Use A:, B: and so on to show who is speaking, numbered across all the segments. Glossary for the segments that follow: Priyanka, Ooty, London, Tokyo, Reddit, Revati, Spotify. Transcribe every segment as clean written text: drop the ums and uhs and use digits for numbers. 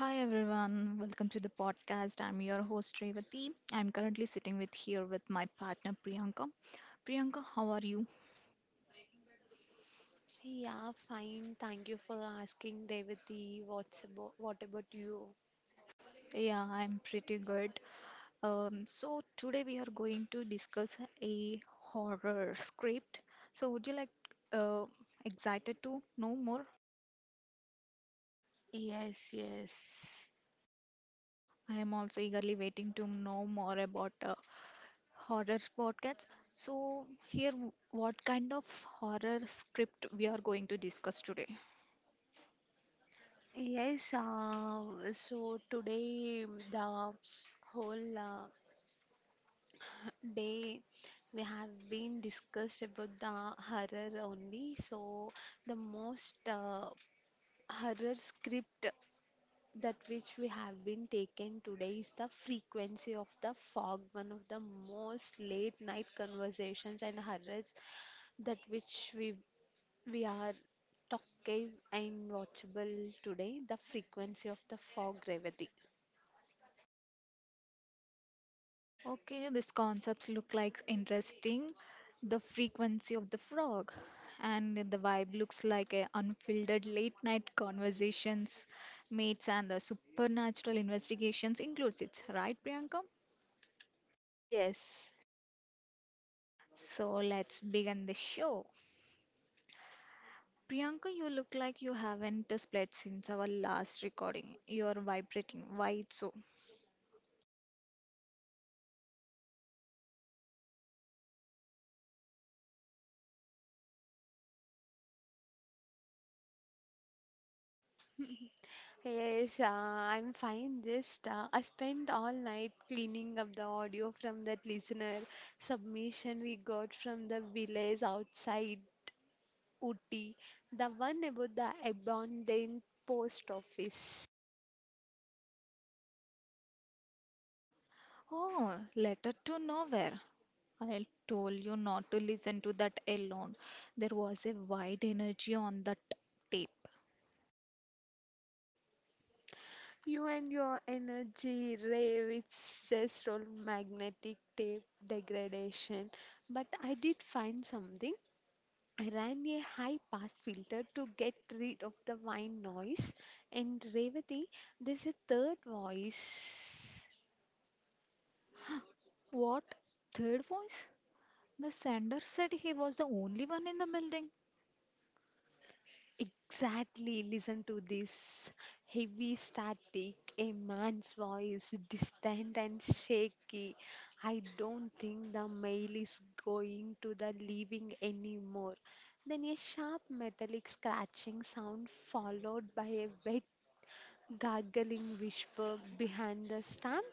A: Hi everyone, welcome to the podcast. I'm your host Revati. I'm currently sitting with here with my partner Priyanka. Priyanka, how are you?
B: Yeah, fine. Thank you for asking, Devati. What about you?
A: Yeah, I'm pretty good. So today we are going to discuss a horror script. So would you like uh, excited to know more?
B: Yes, yes.
A: I am also eagerly waiting to know more about horror podcasts. So here, what kind of horror script we are going to discuss today?
B: Yes, uh, so today the whole day we have been discussed about the horror only. So the most horror script that which we have been taken today is the frequency of the fog, one of the most late night conversations and horrors that which we are talking and watchable today, the frequency of the fog, Revati.
A: Okay, these concepts look like interesting. The frequency of the frog and the vibe looks like a unfiltered late night conversations, mates and the supernatural investigations includes it, right, Priyanka?
B: Yes,
A: So let's begin the show. Priyanka, you look like you haven't split since our last recording. You're vibrating. Why it's so?
B: yes, I'm fine. Just I spent all night cleaning up the audio from that listener submission we got from the village outside Ooty, the one about the abandoned post office.
A: Oh, letter to nowhere. I told you not to listen to that alone. There was a wide energy on that tape.
B: You and your energy rave, it's just all magnetic tape degradation. But I did find something. I ran a high pass filter to get rid of the whine noise. And Revati, there's a third voice.
A: What? Third voice? The sender said he was the only one in the building.
B: Exactly, listen to this heavy static, a man's voice, distant and shaky. I don't think the mail is going to the living anymore. Then a sharp metallic scratching sound followed by a wet gargling whisper behind the stamp.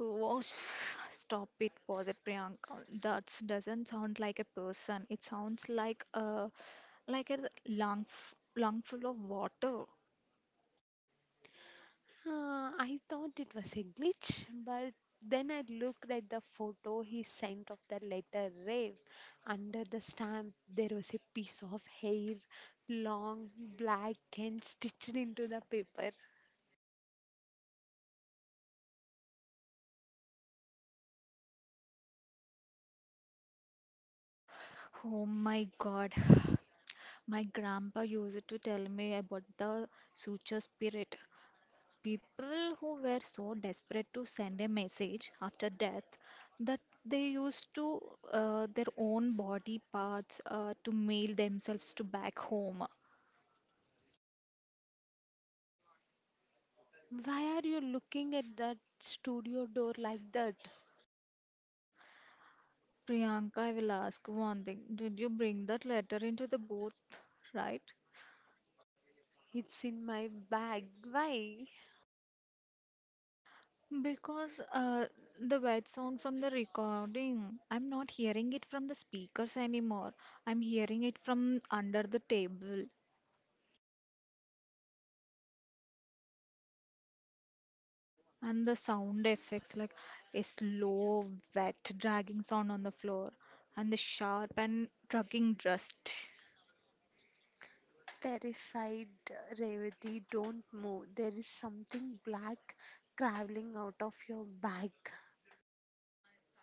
A: Oh, stop it, was it Priyanka? That doesn't sound like a person. It sounds like a lung full of water.
B: I thought it was a glitch, but then I looked at the photo he sent of the letter rave. Under the stamp, there was a piece of hair, long, black, and stitched into the paper.
A: Oh my God. My grandpa used to tell me about the suture spirit. People who were so desperate to send a message after death that they used to their own body parts to mail themselves to back home.
B: Why are you looking at that studio door like that?
A: Priyanka, I will ask one thing. Did you bring that letter into the booth, right?
B: It's in my bag. Why?
A: Because the wet sound from the recording, I'm not hearing it from the speakers anymore. I'm hearing it from under the table. And the sound effects, like a slow, wet, dragging sound on the floor, and the sharp and dragging dust.
B: Terrified Revati, don't move. There is something black crawling out of your bag.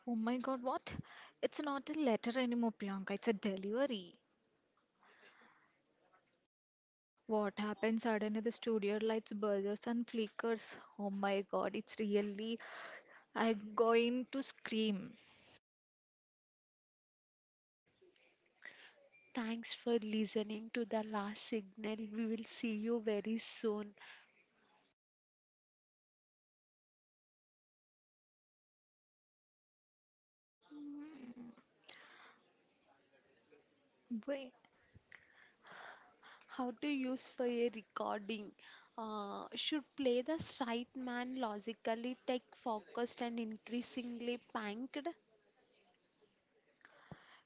A: Oh my God, what? It's not a letter anymore, Priyanka. It's a delivery. What happened? Suddenly the studio lights buzzes and flickers. Oh my God, it's really. I'm going to scream.
B: Thanks for listening to the last signal. We will see you very soon.
A: Wait,
B: How to use for a recording? Should play the straight man logically, tech focused, and increasingly panked.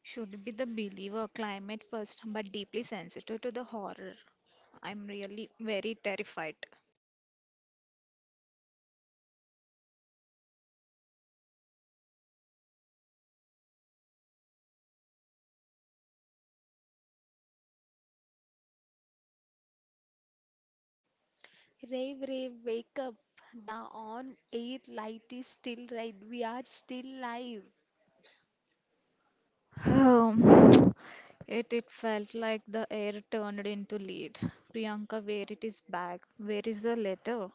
A: should be the believer, climate first, but deeply sensitive to the horror. I'm really very terrified.
B: Rave, rave, wake up. The on air light is still right. We are still live.
A: Yet it felt like the air turned into lead. Priyanka, where it is bag? Where is the letter?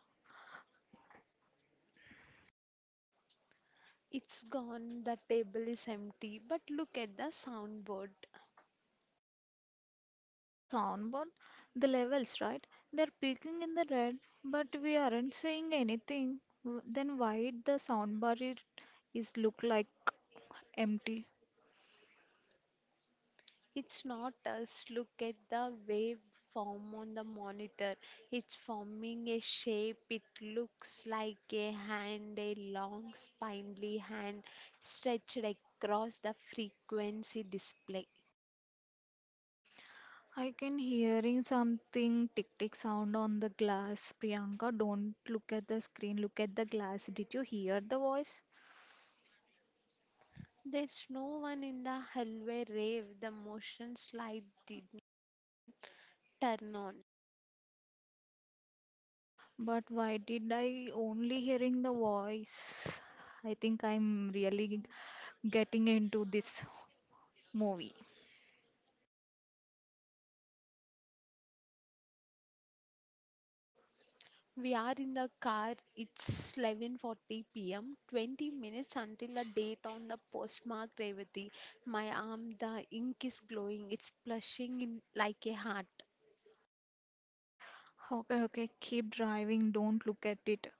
B: It's gone. The table is empty. But look at the soundboard.
A: Soundboard? The levels, right? They're peaking in the red, but we aren't saying anything. Then why the soundbar it is look like empty?
B: It's not us. Look at the waveform on the monitor. It's forming a shape. It looks like a hand, a long spindly hand stretched across the frequency display.
A: I can hearing something tick tick sound on the glass. Priyanka, don't look at the screen. Look at the glass. Did you hear the voice?
B: There's no one in the hallway rave. The motion slide didn't even turn on.
A: But why did I only hearing the voice? I think I'm really getting into this movie.
B: We are in the car. It's 11:40 p.m. 20 minutes until the date on the postmark Revati. My arm, the ink is glowing. It's blushing in like a heart.
A: Okay, okay, keep driving, don't look at it.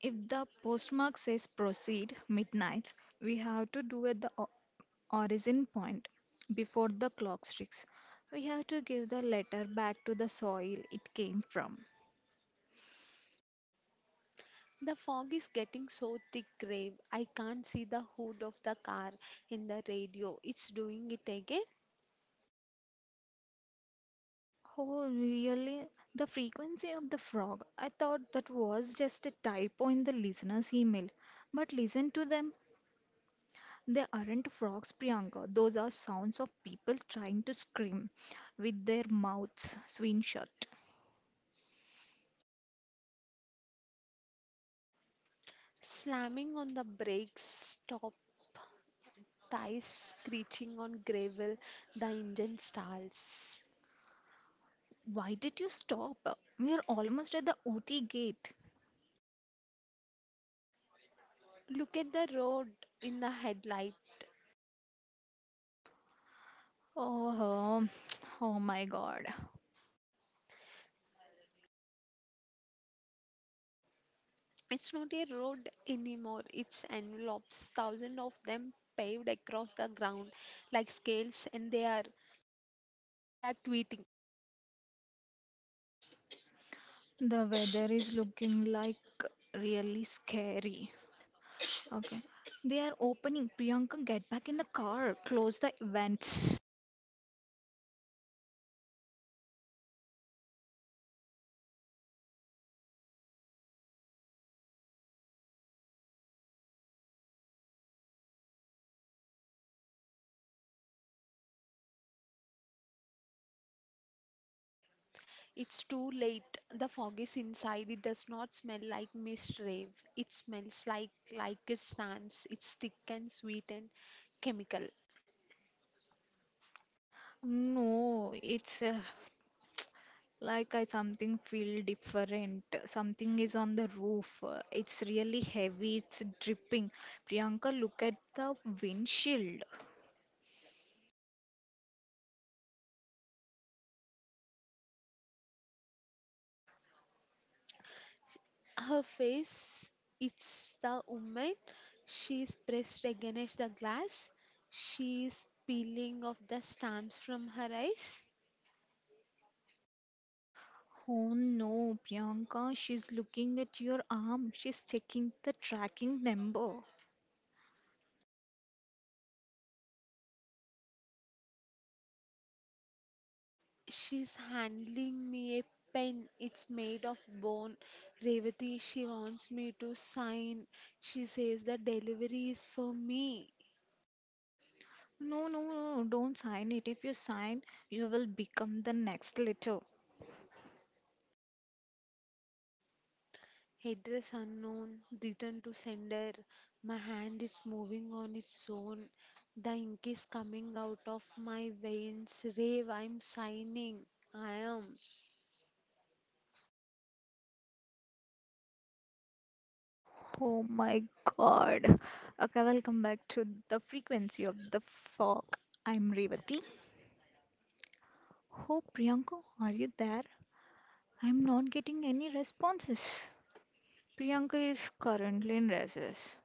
A: If the postmark says proceed midnight, we have to do at the origin point before the clock strikes. We have to give the letter back to the soil it came from.
B: The fog is getting so thick, Rave. I can't see the hood of the car in the radio. It's doing it again.
A: Oh, really? The frequency of the frog. I thought that was just a typo in the listener's email. But listen to them. They aren't frogs, Priyanka. Those are sounds of people trying to scream with their mouths swing shut.
B: Slamming on the brakes, stop thighs screeching on gravel. The engine stalls.
A: Why did you stop? We are almost at the Ooty gate.
B: Look at the road in the headlight.
A: Oh, oh my God.
B: It's not a road anymore, it's envelopes, thousands of them paved across the ground like scales, and they are tweeting.
A: The weather is looking like really scary. Okay. They are opening. Priyanka, get back in the car. Close the event.
B: Okay. It's too late. The fog is inside. It does not smell like mist rave. It smells like it stamps. It's thick and sweet and chemical.
A: No, it's like I something feel different. Something is on the roof. It's really heavy. It's dripping. Priyanka, look at the windshield.
B: Her face, it's the woman. She's pressed against the glass. She's peeling off the stamps from her eyes.
A: Oh no, Priyanka, she's looking at your arm. She's checking the tracking number.
B: She's handling me a pen. It's made of bone. Revati, she wants me to sign. She says the delivery is for me.
A: No, no, no, no, don't sign it. If you sign, you will become the next letter.
B: Address unknown, return to sender. My hand is moving on its own. The ink is coming out of my veins. Rave, I'm signing. I am.
A: Oh my God. Okay, welcome back to the frequency of the fog. I'm Revati. Oh, Priyanka, are you there? I'm not getting any responses. Priyanka is currently in recess.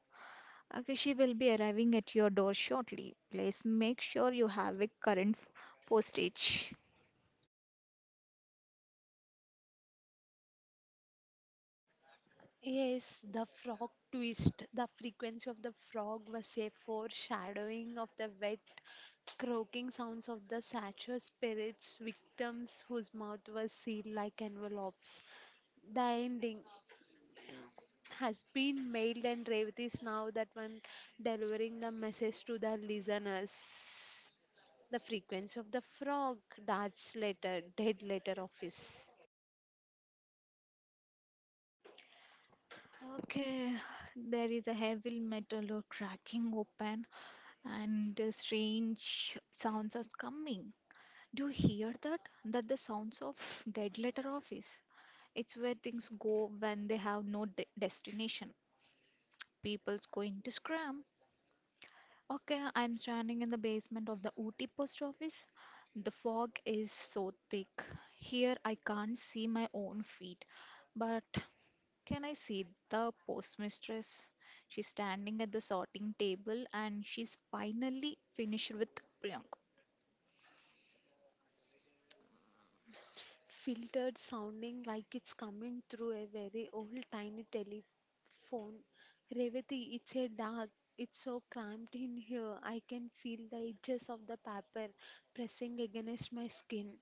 A: Okay, she will be arriving at your door shortly. Please make sure you have a current postage.
B: Yes, the frog twist. The frequency of the frog was a foreshadowing of the wet, croaking sounds of the satyr spirits, victims whose mouth was sealed like envelopes. The ending has been mailed, and Revati is now that one delivering the message to the listeners. The frequency of the frog, darts letter, dead letter office.
A: Okay, there is a heavy metal or cracking open and the strange sounds are coming. Do you hear that? That the sounds of dead letter office. It's where things go when they have no destination. People's going to scram. Okay, I'm standing in the basement of the Ooty post office. The fog is so thick. Here I can't see my own feet. But can I see the postmistress? She's standing at the sorting table and she's finally finished with Priyank.
B: Filtered sounding like it's coming through a very old tiny telephone. Revati, it's a dark. It's so cramped in here. I can feel the edges of the paper pressing against my skin.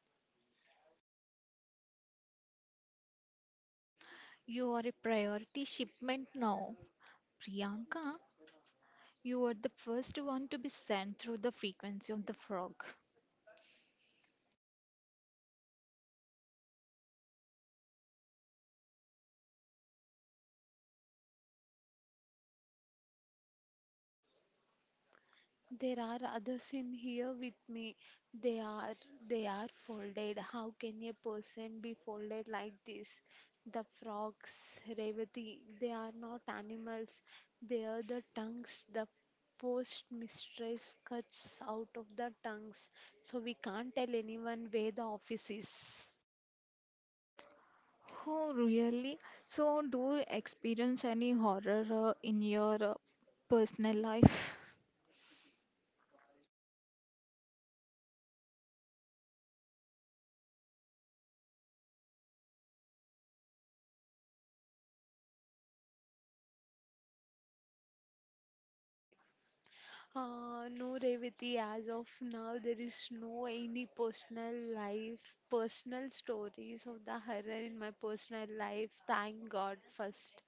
A: You are a priority shipment now. Priyanka, you were the first one to be sent through the frequency of the frog.
B: There are others in here with me. They are they are folded. How can a person be folded like this? The frogs, Revati, they are not animals. They are the tongues. The post mistress cuts out of the tongues. So we can't tell anyone where the office is.
A: Oh, really? So, do you experience any horror in your personal life?
B: Sorry. No, Revati, as of now, there is no any personal life, personal stories of the horror in my personal life. Thank God, first.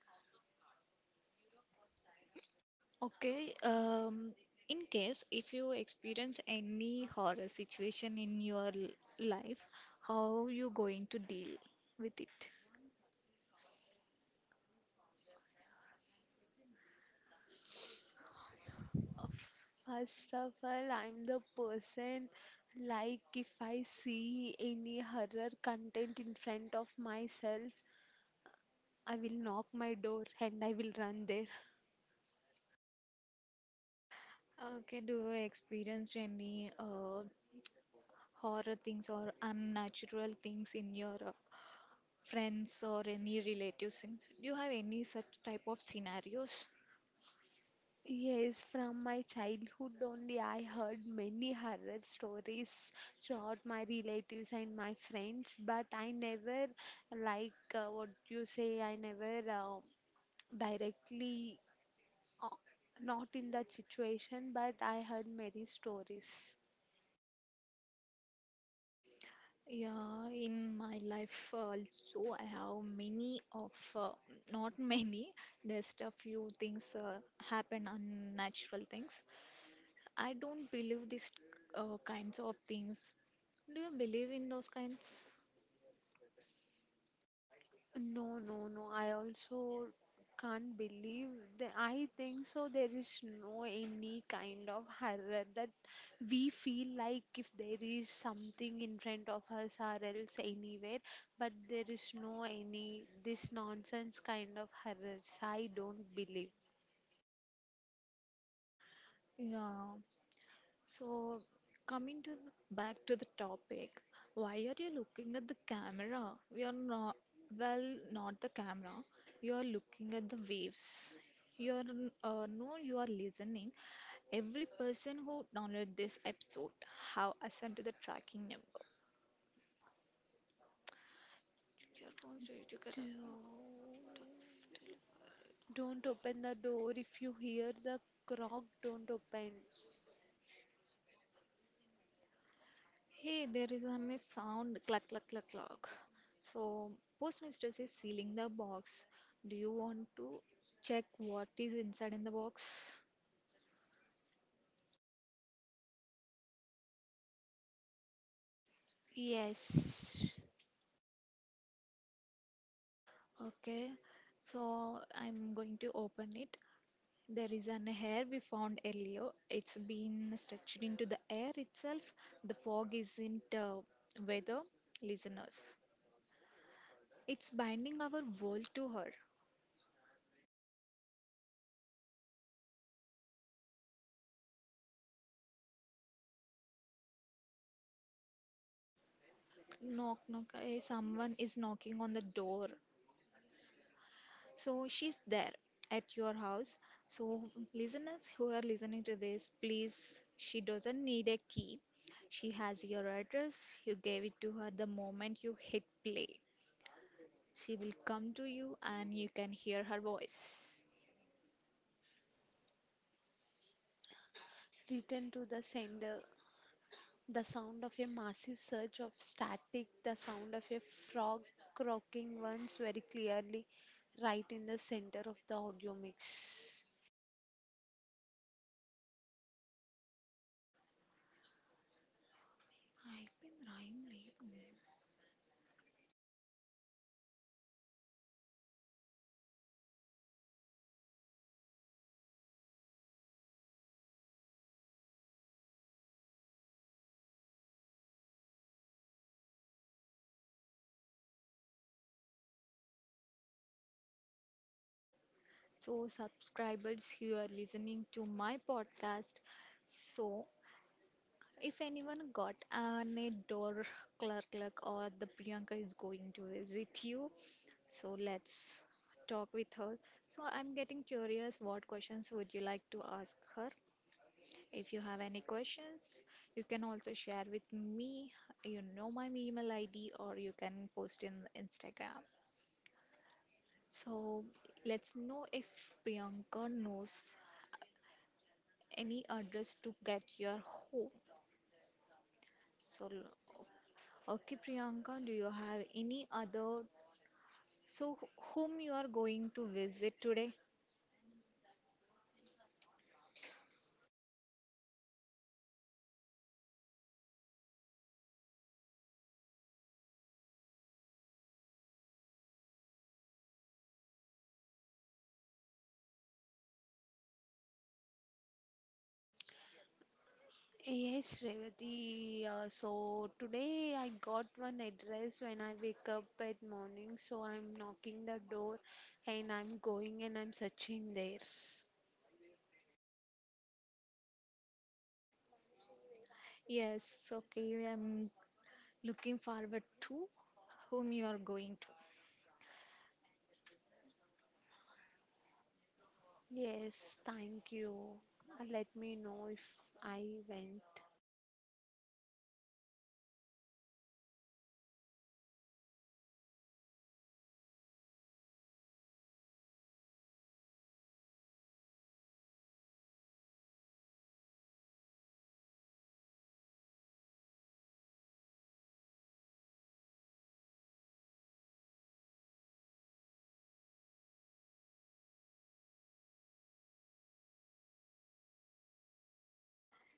A: Okay, in case if you experience any horror situation in your life, how you going to deal with it?
B: Uh, First of all, I'm the person like if I see any horror content in front of myself, I will knock my door and I will run there.
A: Okay, do you experience any horror things or unnatural things in your friends or any relatives things. Do you have any such type of scenarios?
B: Yes, from my childhood only, I heard many horror stories throughout my relatives and my friends, but I never, what you say, I never directly, uh, not in that situation, but I heard many stories.
A: Yeah, in my life also, I have many of not many, just a few things happen, unnatural things. I don't believe these kinds of things. Do you believe in those kinds?
B: No, no, no. I also can't believe that. I think so. There is no any kind of horror that we feel like if there is something in front of us or else anywhere, but there is no any this nonsense kind of horrors. I don't believe.
A: Yeah, so, coming to the, back to the topic, why are you looking at the camera? We are not, well, not the camera. You are looking at the waves. You are, no, you are listening. Every person who downloaded this episode have assigned to the tracking number. Your phones do it together.
B: Do- Don't open the door. If you hear the knock, don't open.
A: Hey, there is a sound cluck cluck cluck cluck. So, postmistress is sealing the box. Do you want to check what is inside in the box?
B: Yes.
A: Okay, so I'm going to open it. There is an hair we found earlier. It's been stretched into the air itself. The fog isn't weather, listeners. It's binding our world to her. Knock, knock. Eh, someone is knocking on the door. So she's there at your house. So listeners who are listening to this, please, she doesn't need a key. She has your address. You gave it to her the moment you hit play. She will come to you and you can hear her voice.
B: Return to the sender. The sound of a massive surge of static, the sound of a frog croaking once very clearly right in the center of the audio mix.
A: I've been rhyming. So subscribers, you are listening to my podcast. So if anyone got an a door clerk or the Priyanka is going to visit you, so let's talk with her. So I'm getting curious what questions would you like to ask her? If you have any questions, you can also share with me. You know my email ID or you can post in Instagram. So let's know if Priyanka knows any address to get your home. So okay, Priyanka, do you have any other? So, whom you are going to visit today?
B: Yes, Revati. So today I got one address when I wake up at morning. So I'm knocking the door and I'm going and I'm searching there.
A: Yes, okay, I'm looking forward to whom you are going to.
B: Yes, thank you. Let me know if I went.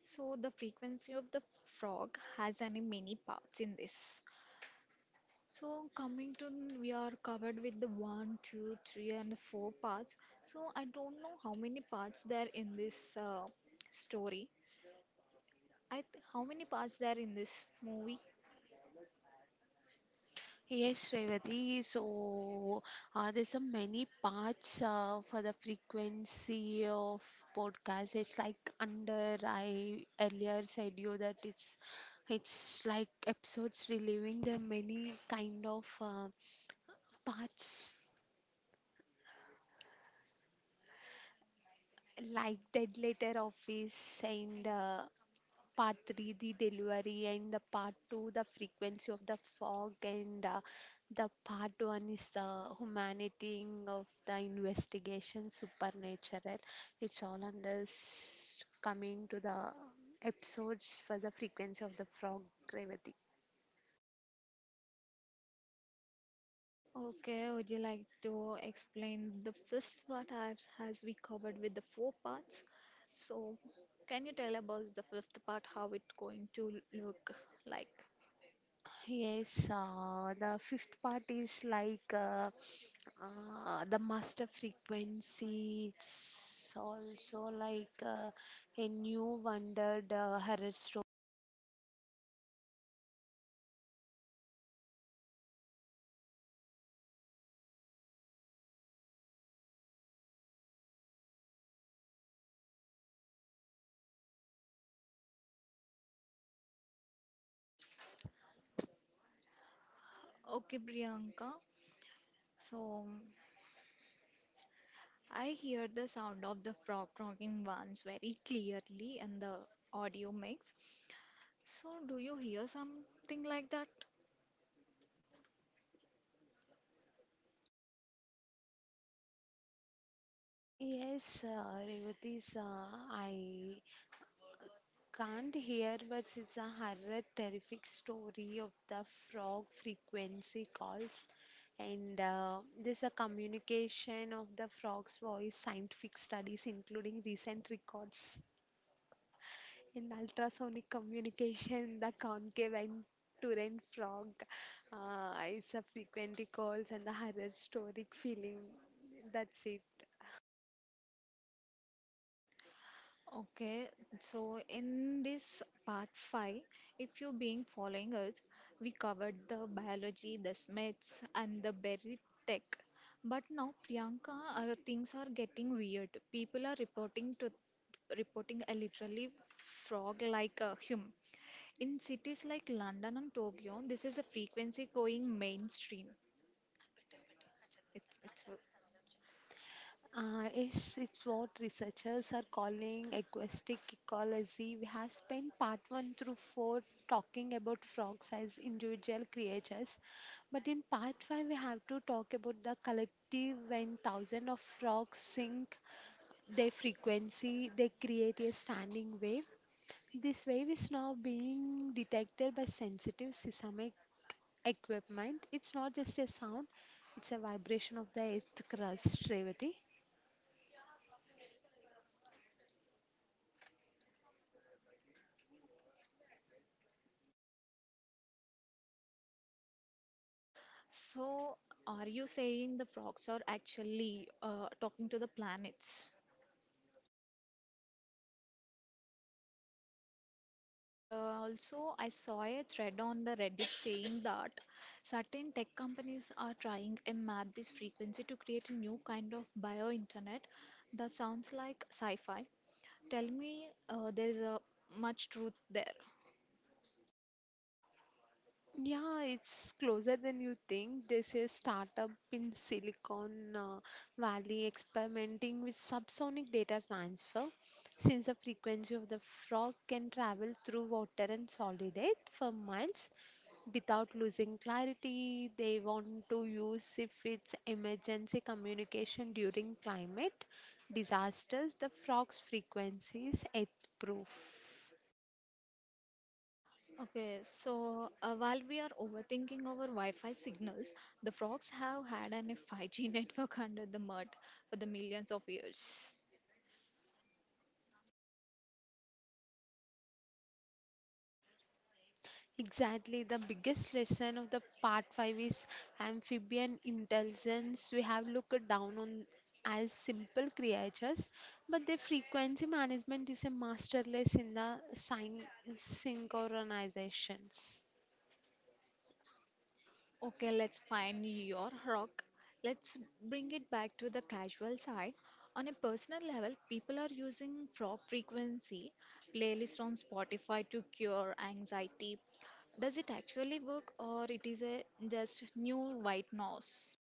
A: So, the frequency of the frog has any many parts in this. So, coming to, we are covered with the one, two, three, and the four parts. So, I don't know how many parts there in this story. I th how many parts there in this movie?
B: Yes, Revati. So, there's some many parts for the frequency of podcast. It's like under I earlier said you that it's like episodes reliving the many kind of parts like dead letter office and part 3 the delivery and the part 2 the frequency of the fog and the part 1 is the humanity of the investigation supernatural it's all under coming to the episodes for the frequency of the frog gravity.
A: Okay, would you like to explain the first part as we covered with the four parts? So, can you tell about the fifth part, how it going to look like?
B: Yes the fifth part is like the master frequency. It's also like a new wondered horror story.
A: Okay, Priyanka. So, I hear the sound of the frog croaking once very clearly in the audio mix. So, do you hear something like that?
B: Yes, Revati's, I can't hear, but it's a horror, terrific story of the frog frequency calls. And this a communication of the frog's voice, scientific studies, including recent records in ultrasonic communication, the concave and Turin frog. It's a frequently calls and the horror storic feeling. That's it.
A: Okay, so in this part 5, if you've been following us, we covered the biology, the myths, and the buried tech. But now, Priyanka, things are getting weird. People are reporting to reporting a literally frog like a hum. In cities like London and Tokyo, this is a frequency going mainstream. It's, it's,
B: It's what researchers are calling acoustic ecology. We have spent part one through four talking about frogs as individual creatures, but in part five, we have to talk about the collective. When thousands of frogs sync their frequency, they create a standing wave. This wave is now being detected by sensitive seismic equipment. It's not just a sound, it's a vibration of the earth crust, Revati.
A: so, are you saying the frogs are actually talking to the planets? Also, I saw a thread on the Reddit saying that certain tech companies are trying to map this frequency to create a new kind of bio internet that sounds like sci-fi. Tell me, there is a much truth there.
B: Yeah, it's closer than you think. There's a startup in Silicon Valley experimenting with subsonic data transfer. Since the frequency of the frog can travel through water and solid air for miles without losing clarity, they want to use if it's emergency communication during climate disasters, the frog's frequency is earth proof.
A: Okay, so while we are overthinking our Wi-Fi signals, the frogs have had an 5G network under the mud for the millions of years.
B: Exactly. The biggest lesson of the part 5 is amphibian intelligence. We have looked down on as simple creatures, but their frequency management is a masterless in the synchronizations.
A: Okay, let's find your rock. Let's bring it back to the casual side. On a personal level, people are using frog frequency playlists on Spotify to cure anxiety. Does it actually work or it is a just new white noise?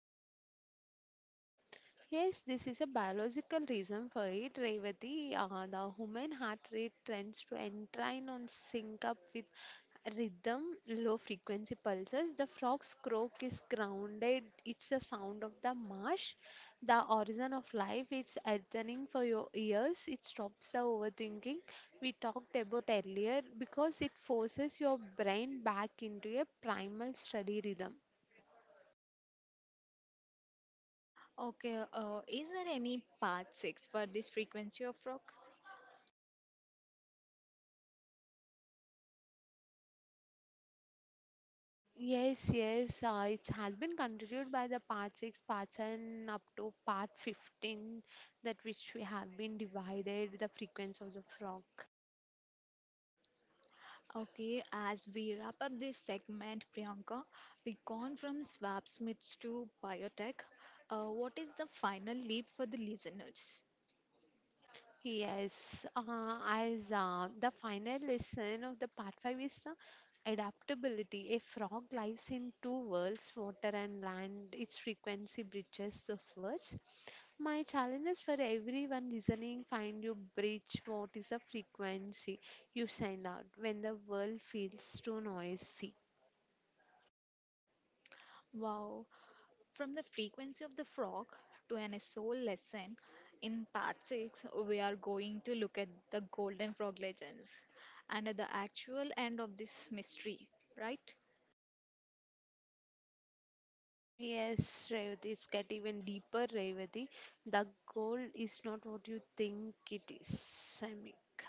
B: Yes, this is a biological reason for it, Revati. The human heart rate tends to entwine on sync up with rhythm, low frequency pulses. The frog's croak is grounded, it's the sound of the marsh, the origin of life, it's earthening for your ears, it stops the overthinking we talked about earlier because it forces your brain back into a primal study rhythm.
A: Okay, is there any part 6 for this frequency of frog?
B: Yes, it has been continued by the part 6, part 7, up to part 15, that which we have been divided the frequency of the frog.
A: Okay, as we wrap up this segment, Priyanka, we gone from swap smiths to biotech. What is the final leap for the listeners?
B: Yes, as The final lesson of the part 5 is the adaptability. A frog lives in two worlds, water and land. Its frequency breaches those worlds. My challenge is for everyone listening find your bridge. What is the frequency you send out when the world feels too noisy?
A: Wow, from the frequency of the frog to an soul lesson, in part 6, we are going to look at the golden frog legends and at the actual end of this mystery, right?
B: Yes, Revati, it's get even deeper, Revati. The goal is not what you think it is, Samik.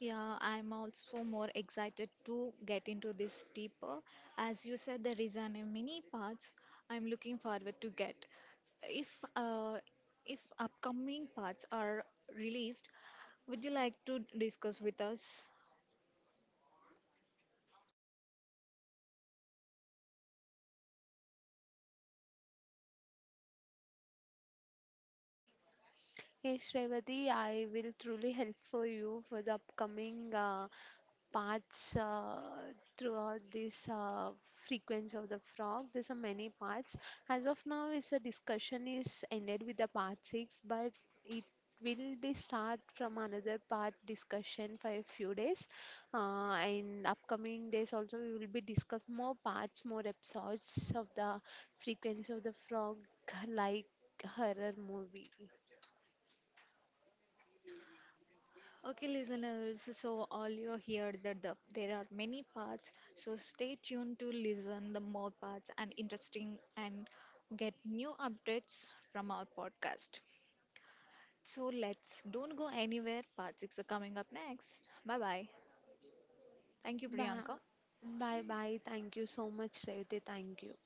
A: Yeah, I'm also more excited to get into this deeper. As you said, there is an many parts I'm looking forward to get. If uh, if upcoming parts are released, would you like to discuss with us?
B: Hey Srevati, I will truly help for you for the upcoming parts throughout this frequency of the frog. There's are many parts. As of now, is a discussion is ended with the part six, but it will be start from another part discussion for a few days. And upcoming days also, we will be discuss more parts, more episodes of the frequency of the frog, like horror movie.
A: Okay, listeners, so all you hear that the, there are many parts, so stay tuned to listen the more parts and interesting and get new updates from our podcast. So let's don't go anywhere. Part 6 are coming up next. Bye bye. Thank you,
B: Bye,
A: Priyanka.
B: bye, bye. Thank you so much, Revati. Thank you.